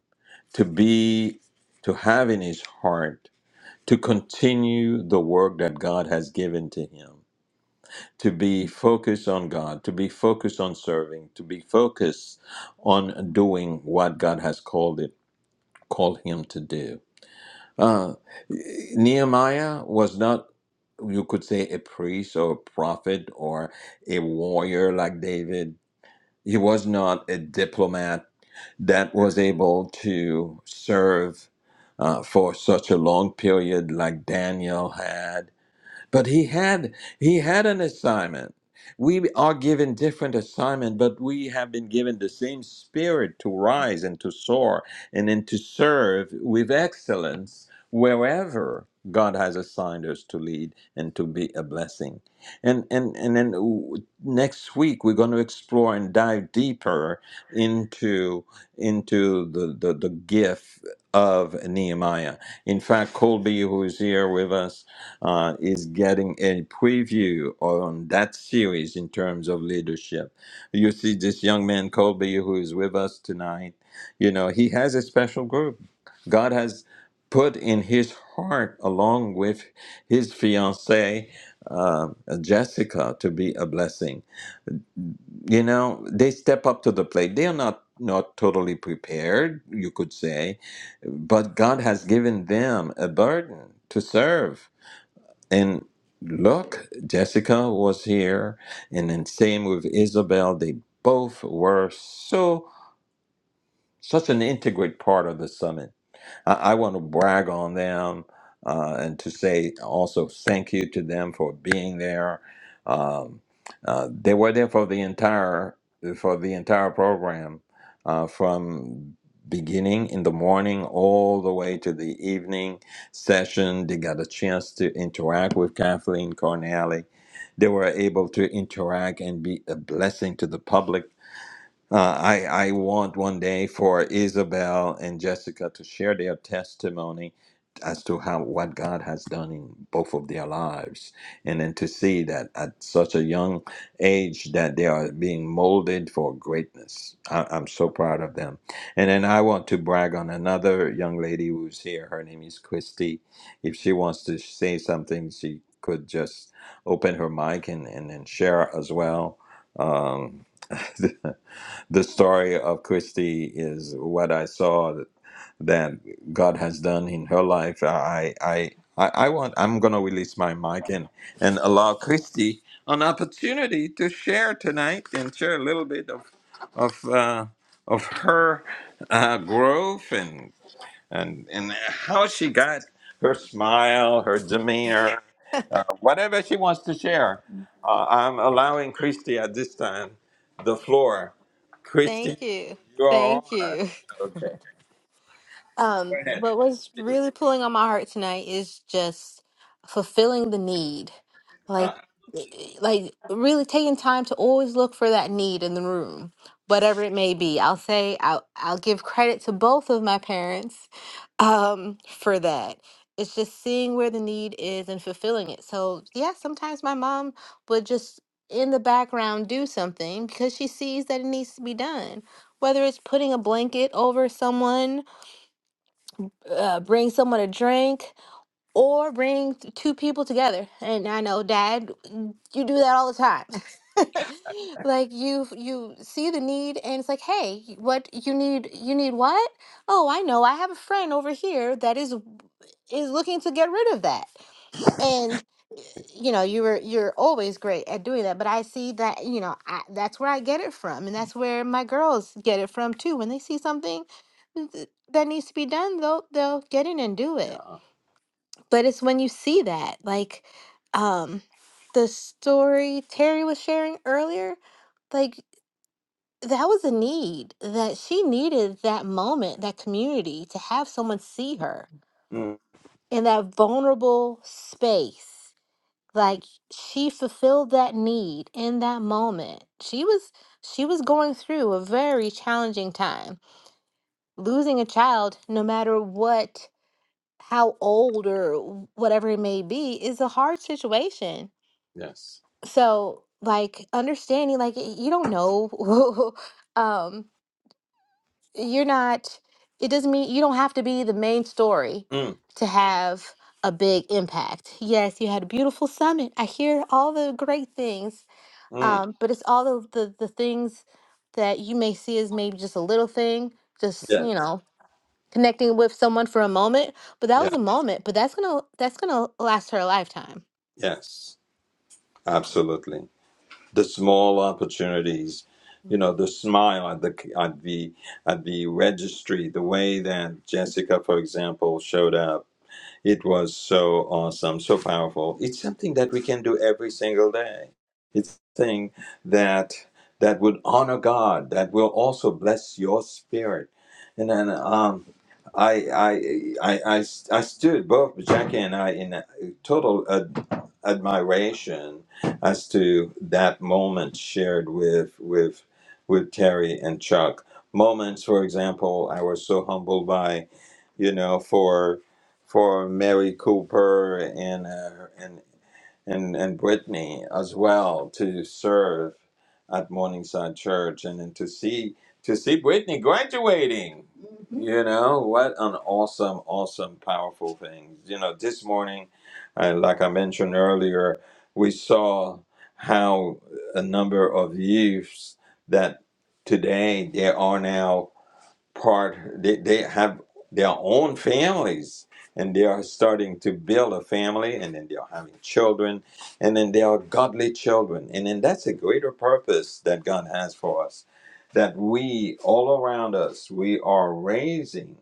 S1: to be, to have in his heart, to continue the work that God has given to him, to be focused on God, to be focused on serving, to be focused on doing what God has called it, called him to do. Uh, Nehemiah was not, you could say, a priest or a prophet or a warrior like David. He was not a diplomat that was able to serve uh, for such a long period like Daniel had but he had he had an assignment we are given different assignment but we have been given the same spirit to rise and to soar and then to serve with excellence wherever god has assigned us to lead and to be a blessing and and and then w- next week we're going to explore and dive deeper into into the the, the gift of nehemiah in fact colby who is here with us uh, is getting a preview on that series in terms of leadership. You see, this young man, Colby, who is with us tonight, you know, he has a special group. God has put in his heart, along with his fiancee, uh, Jessica, to be a blessing. You know, they step up to the plate. They are not not totally prepared, you could say, but God has given them a burden to serve and look, Jessica was here, and then same with Isabel. They both were so such an integrated part of the summit. I, I want to brag on them uh, and to say also thank you to them for being there. Um, uh, they were there for the entire for the entire program uh, from beginning in the morning all the way to the evening session. They got a chance to interact with Kathleen Cornally. They were able to interact and be a blessing to the public uh, I, I want one day for Isabel and Jessica to share their testimony as to how what God has done in both of their lives, and then to see that at such a young age that they are being molded for greatness. I, I'm so proud of them. And then I want to brag on another young lady who's here. Her name is Christy. If she wants to say something, she could just open her mic and, and, and share as well. Um, The story of Christy is what I saw that that God has done in her life. I I I, I want I'm gonna release my mic and, and allow Christy an opportunity to share tonight and share a little bit of of uh, of her uh, growth and and and how she got her smile, her demeanor, uh, whatever she wants to share. Uh, I'm allowing Christy at this time the floor. Christy,
S3: Thank you.
S1: you are
S3: Thank
S1: on.
S3: you.
S1: Okay, go
S3: Um,
S1: ahead.
S3: but what's really pulling on my heart tonight is just fulfilling the need. Like e, e, like really taking time to always look for that need in the room, whatever it may be. I'll say I'll I'll give credit to both of my parents um for that. It's just seeing where the need is and fulfilling it. So yeah, sometimes my mom would just in the background do something because she sees that it needs to be done. Whether it's putting a blanket over someone uh, bring someone a drink or bring t- two people together. And I know, Dad, mm, you do that all the time. like you you see the need and it's like hey what you need you need what oh i know i have a friend over here that is is looking to get rid of that and you know you were you're always great at doing that but i see that you know I, that's where i get it from and that's where my girls get it from too when they see something th- that needs to be done they'll they'll get in and do it
S1: Yeah.
S3: but it's when you see that like um the story terry was sharing earlier like that was a need that she needed that moment that community to have someone see her
S1: Mm,
S3: in that vulnerable space like she fulfilled that need in that moment she was she was going through a very challenging time losing a child no matter what how old or whatever it may be is a hard situation
S1: yes.
S3: so like understanding like y- you don't know um you're not it doesn't mean you don't have to be the main story
S1: Mm,
S3: to have a big impact yes you had a beautiful summit i hear all the great things
S1: mm,
S3: um but it's all the the, the things that you may see as maybe just a little thing just
S1: yes.
S3: you know connecting with someone for a moment but that
S1: Yeah.
S3: was a moment but that's gonna that's gonna last her a lifetime
S1: Yes. Absolutely. The small opportunities. You know, the smile at the at the at the registry, the way that Jessica, for example, showed up It was so awesome, so powerful. It's something that we can do every single day. It's something that that would honor God, that will also bless your spirit. And then um, I, I, I, I, I stood both Jackie and I in a total uh, admiration as to that moment shared with with with Terry and Chuck. Moments, for example, I was so humbled by, you know, for for Mary Cooper and uh, and and, and Brittany as well to serve at Morningside Church and, then to see to see Brittany graduating. Mhm. You know, what an awesome, awesome, powerful thing. You know, this morning, uh, like I mentioned earlier, we saw how a number of youths that today there are now part they, they have their own families and they are starting to build a family and then they are having children and then they are godly children and then that's a greater purpose that god has for us that we all around us we are raising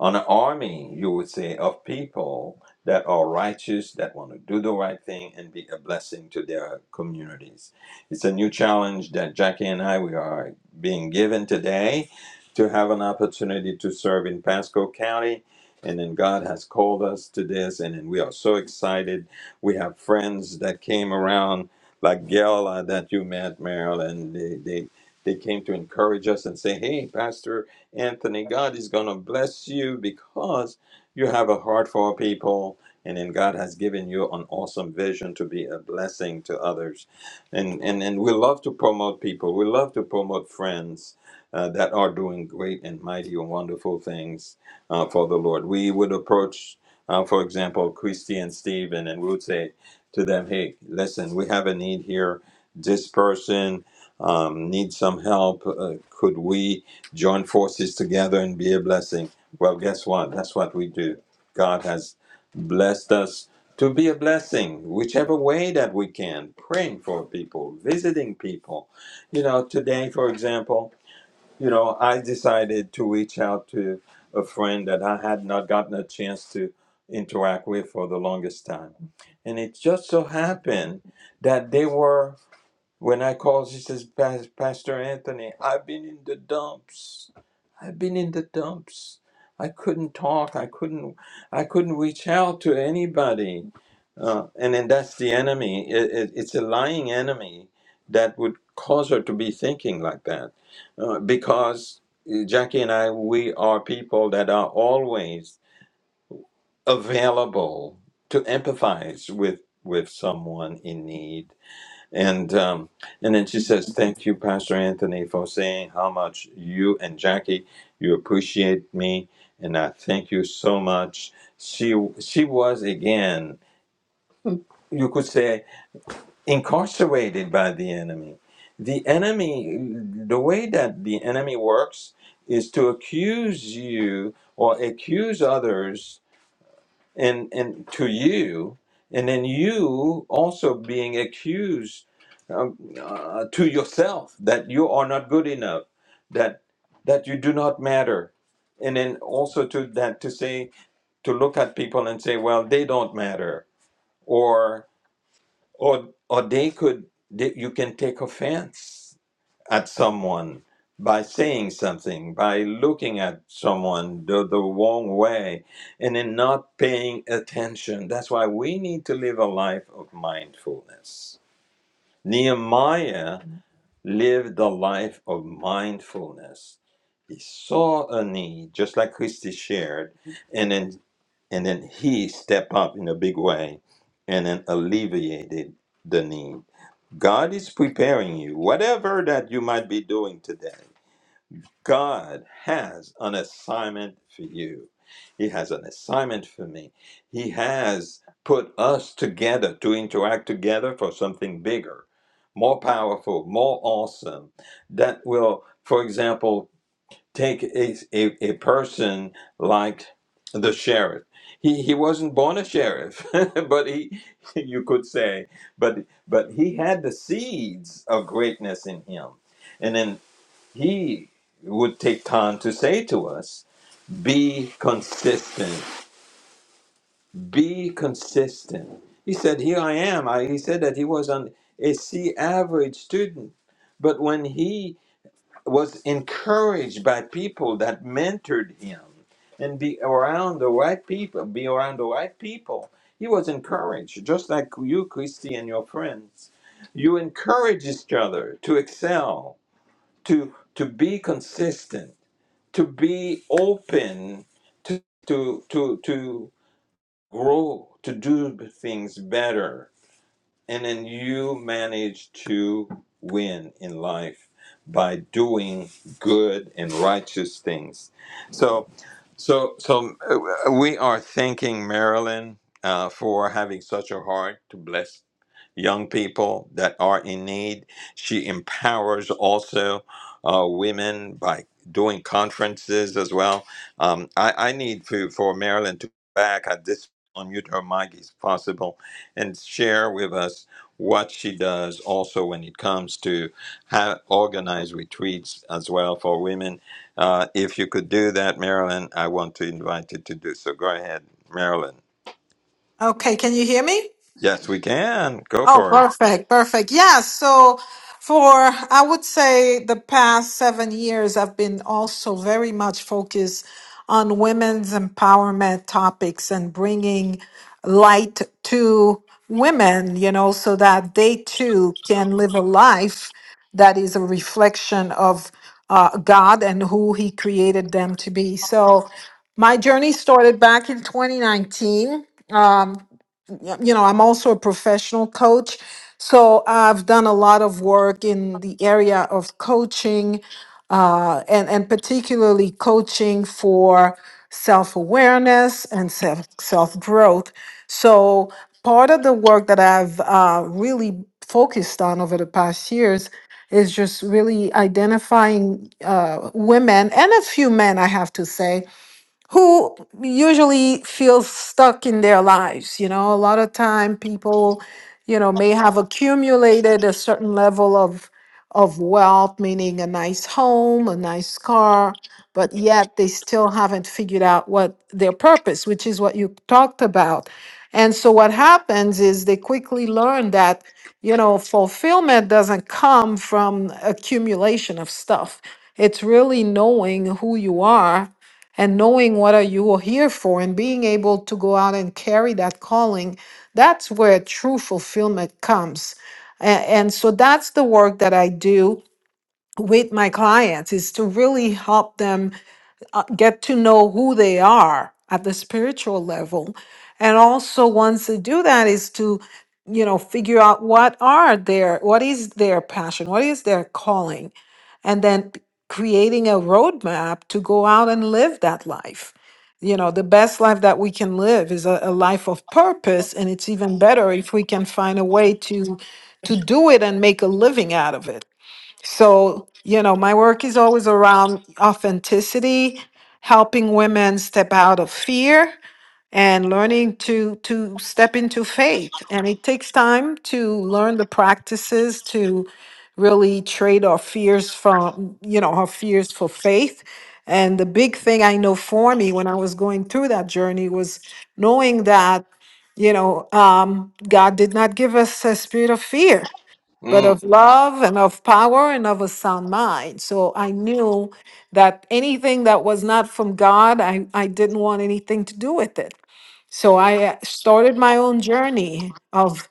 S1: an army, you would say, of people that are righteous, that want to do the right thing and be a blessing to their communities. It's a new challenge that Jackie and I we are being given today to have an opportunity to serve in Pasco County. And then God has called us to this, and then we are so excited. We have friends that came around, like Gail uh, that you met, Marilyn. They, they they came to encourage us and say, "Hey, Pastor, Anthony, God is going to bless you because you have a heart for people. And then God has given you an awesome vision to be a blessing to others. And, and, and we love to promote people. We love to promote friends uh, that are doing great and mighty and wonderful things uh, for the Lord. We would approach, uh, for example, Christy and Stephen, and we would say to them, hey, listen, we have a need here. This person um, needs some help. Uh, could we? join forces together and be a blessing. Well, guess what? That's what we do. God has blessed us to be a blessing, whichever way that we can, praying for people, visiting people. You know, today, for example, you know, I decided to reach out to a friend that I had not gotten a chance to interact with for the longest time. And it just so happened that they were when I called, she says, "Pas- Pastor Anthony, I've been in the dumps. I've been in the dumps. I couldn't talk. I couldn't. I couldn't reach out to anybody. Uh, and then that's the enemy. It, it, it's a lying enemy that would cause her to be thinking like that, uh, because uh, Jackie and I, we are people that are always available to empathize with with someone in need and um, and then she says, "Thank you, Pastor Anthony, for saying how much you and Jackie you appreciate me, and I thank you so much." She she was again, you could say, incarcerated by the enemy. The enemy, the way that the enemy works, is to accuse you or accuse others and and to you and then you also being accused um, uh, to yourself that you are not good enough that that you do not matter and then also to that to say to look at people and say well they don't matter or or or they could they, you can take offense at someone by saying something, by looking at someone the, the wrong way, and then not paying attention. That's why we need to live a life of mindfulness. Nehemiah lived a life of mindfulness. He saw a need, just like Christy shared, and then and then he stepped up in a big way and then alleviated the need. God is preparing you, whatever that you might be doing today. God has an assignment for you. He has an assignment for me. He has put us together to interact together for something bigger, more powerful, more awesome. That will, for example, take a, a, a person like the sheriff. He, he wasn't born a sheriff, but he, you could say, but, but he had the seeds of greatness in him. and then he would take time to say to us, be consistent, be consistent. He said, Here I am. I, he said that he was an, a C average student. But when he was encouraged by people that mentored him and be around the right people, be around the right people, he was encouraged, just like you, Christy, and your friends. You encourage each other to excel, to, to be consistent to be open to to to to grow to do things better and then you manage to win in life by doing good and righteous things. So, so, so uh, we are thanking Marilyn uh, for having such a heart to bless young people that are in need. She empowers also uh, women by doing conferences as well. Um, I, I need to, for Marilyn to go back. I just unmute her mic if possible and share with us what she does also when it comes to how organize retreats as well for women. Uh, if you could do that, Marilyn, I want to invite you to do so. Go ahead, Marilyn.
S4: Okay, can you hear me?
S1: Yes, we can. Go
S4: Oh,
S1: for it.
S4: perfect, perfect. Yeah, so for I would say the past seven years, I've been also very much focused on women's empowerment topics and bringing light to women, you know, so that they too can live a life that is a reflection of uh, God and who He created them to be. So my journey started back in 2019. Um, yeah, you know, I'm also a professional coach. So I've done a lot of work in the area of coaching, uh, and, and particularly coaching for self awareness and self self growth. So part of the work that I've uh, really focused on over the past years is just really identifying uh, women and a few men, I have to say, who usually feels stuck in their lives you know a lot of time people you know may have accumulated a certain level of of wealth meaning a nice home a nice car but yet they still haven't figured out what their purpose which is what you talked about and so what happens is they quickly learn that you know fulfillment doesn't come from accumulation of stuff it's really knowing who you are and knowing what are you are here for and being able to go out and carry that calling that's where true fulfillment comes A- and, so that's the work that i do with my clients is to really help them uh, get to know who they are at the spiritual level and also once they do that is to you know figure out what are their what is their passion what is their calling and then creating a roadmap to go out and live that life. You know, the best life that we can live is a, a life of purpose, and it's even better if we can find a way to to do it and make a living out of it. So, you know, my work is always around authenticity, helping women step out of fear and learning to to step into faith and it takes time to learn the practices to really trade our fears from you know our fears for faith and the big thing i know for me when i was going through that journey was knowing that you know um, god did not give us a spirit of fear but
S1: Mm.
S4: of love and of power and of a sound mind. So I knew that anything that was not from God, I, I didn't want anything to do with it. So I uh, started my own journey of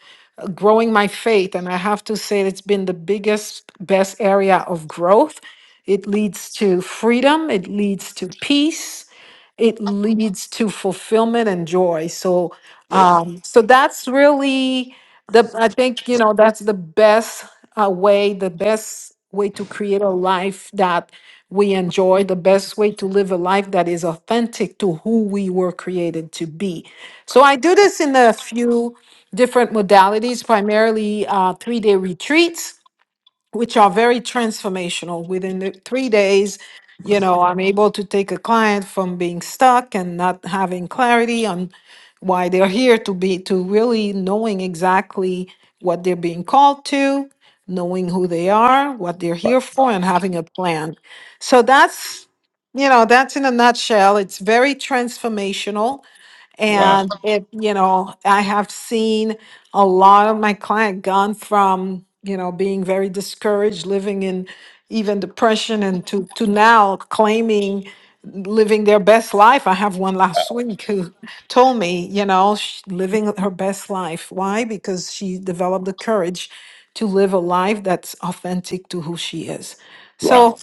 S4: growing my faith. And I have to say, it's been the biggest, best area of growth. It leads to freedom, it leads to peace, it leads to fulfillment and joy. So, um, so that's really the, I think, you know, that's the best uh, way, the best way to create a life that we enjoy, the best way to live a life that is authentic to who we were created to be. So I do this in a few different modalities, primarily uh, three day retreats, which are very transformational. Within the three days, you know, I'm able to take a client from being stuck and not having clarity on why they're here to be to really knowing exactly what they're being called to, knowing who they are, what they're
S1: Wow.
S4: here for, and having a plan. So that's you know, that's in a nutshell. It's very transformational
S1: Wow.
S4: and it, you know, I have seen a lot of my client gone from, you know, being very discouraged, living in even depression and to to now claiming living their best life. I have one last week who told me, you know, sh living her best life. Why? Because she developed the courage to live a life that's authentic to who she is.
S1: Wow.
S4: So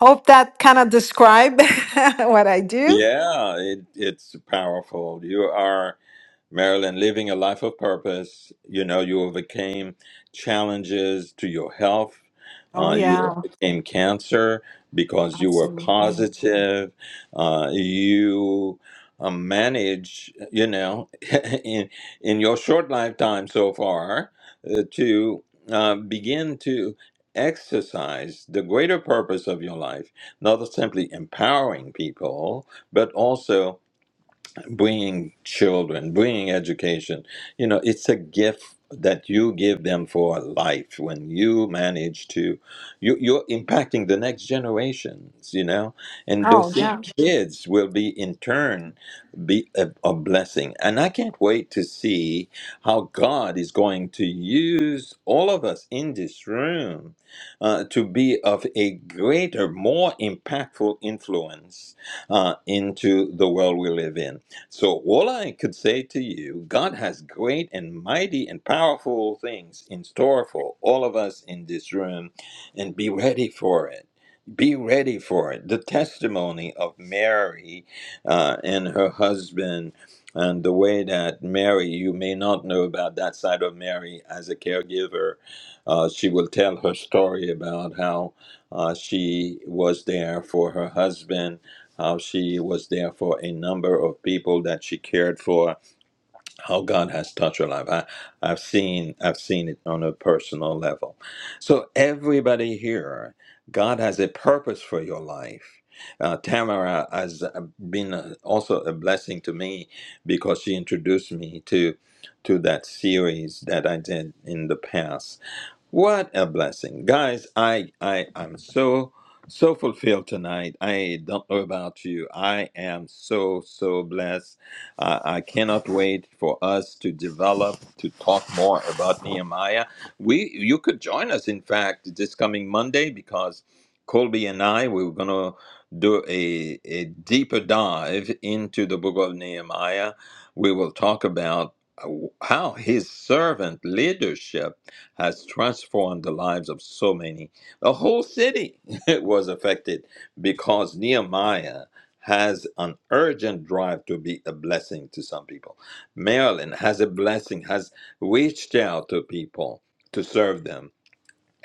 S4: hope that kind of describe what I do.
S1: Yeah, it, it's powerful. You are. Marilyn, living a life of purpose. You know, you overcame challenges to your health.
S4: Oh
S1: Uh, you
S4: yeah.
S1: overcame cancer because you were positive. Uh, you uh, managed, you know, in in your short lifetime so far, uh, to uh, begin to exercise the greater purpose of your life, not simply empowering people, but also bringing children, bringing education. You know, it's a gift that you give them for life when you manage to you you're impacting the next generations you know and those
S4: Oh
S1: same
S4: yeah.
S1: Mhm. kids will be in turn be a, a blessing and i can't wait to see how god is going to use all of us in this room uh, to be of a greater more impactful influence uh, into the world we live in so, all I could say to you, God has great and mighty and powerful things in store for all of us in this room, and be ready for it. Be ready for it. The testimony of Mary uh, and her husband, and the way that Mary, you may not know about that side of Mary as a caregiver. Uh, she will tell her story about how uh, she was there for her husband how she was there for a number of people that she cared for, how God has touched her life. I, I've seen I've seen it on a personal level. So everybody here, God has a purpose for your life. Uh, Tamara has uh, been uh, also a blessing to me because she introduced me to to that series that I did in the past what a blessing, guys! I I am so so fulfilled tonight. I don't know about you. I am so so blessed. Uh, I I cannot wait for us to develop to talk more about Nehemiah. We you could join us. In fact, this coming Monday because Colby and I we we're gonna do a a deeper dive into the book of Nehemiah. We will talk about uh, how his servant leadership has transformed the lives of so many. The whole city was affected because Nehemiah has an urgent drive to be a blessing to some people. Maryland has a blessing, has reached out to people to serve them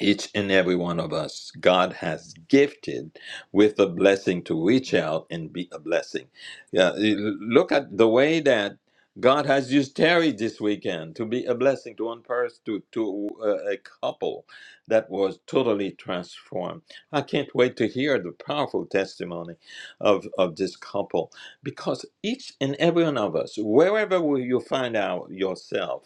S1: each and every one of us god has gifted with a blessing to reach out and be a blessing yeah you look at the way that god has used terry this weekend to be a blessing to one person to, to uh, a couple that was totally transformed i can't wait to hear the powerful testimony of, of this couple because each and every one of us wherever you find out yourself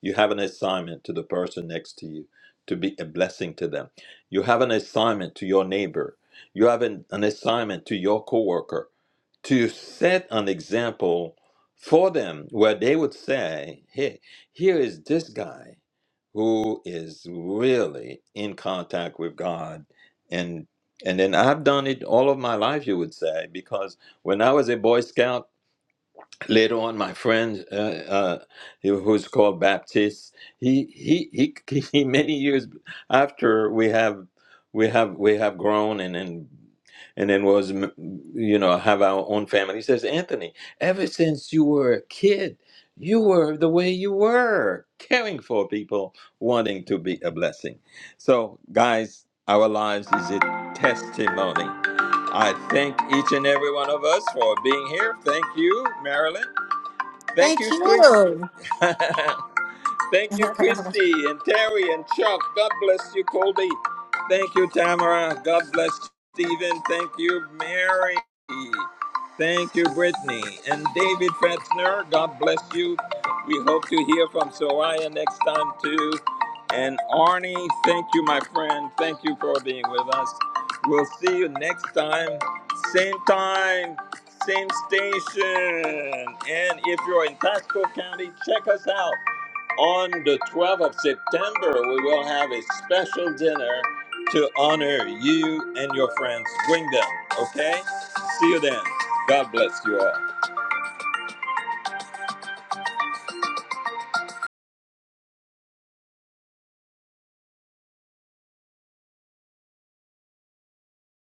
S1: you have an assignment to the person next to you to be a blessing to them. You have an assignment to your neighbor. You have an, an assignment to your coworker to set an example for them where they would say, hey, here is this guy who is really in contact with God and and then I've done it all of my life, you would say, because when I was a Boy Scout, later on my friend uh, uh, who was called baptist he, he he he many years after we have we have we have grown and then and then was mm, you know have our own family he says anthony ever since you were a kid you were the way you were caring for people wanting to be a blessing so guys our lives is a testimony i thank each and every one of us for being here thank you marilyn Thank you, Chris. Thank you, Christy and Terry and Chuck. God bless you, Colby. Thank you, Tamara. God bless you, Stephen. Thank you, Mary. Thank you, Brittany. And David Fetzner, God bless you. We hope to hear from Soraya next time, too. And Arnie, thank you, my friend. Thank you for being with us. We'll see you next time. Same time, same station. And if you're in Pasco County, check us out on the 12th of September, we will have a special dinner to honor you and your friends. Bring them, okay? See you then. God bless you all.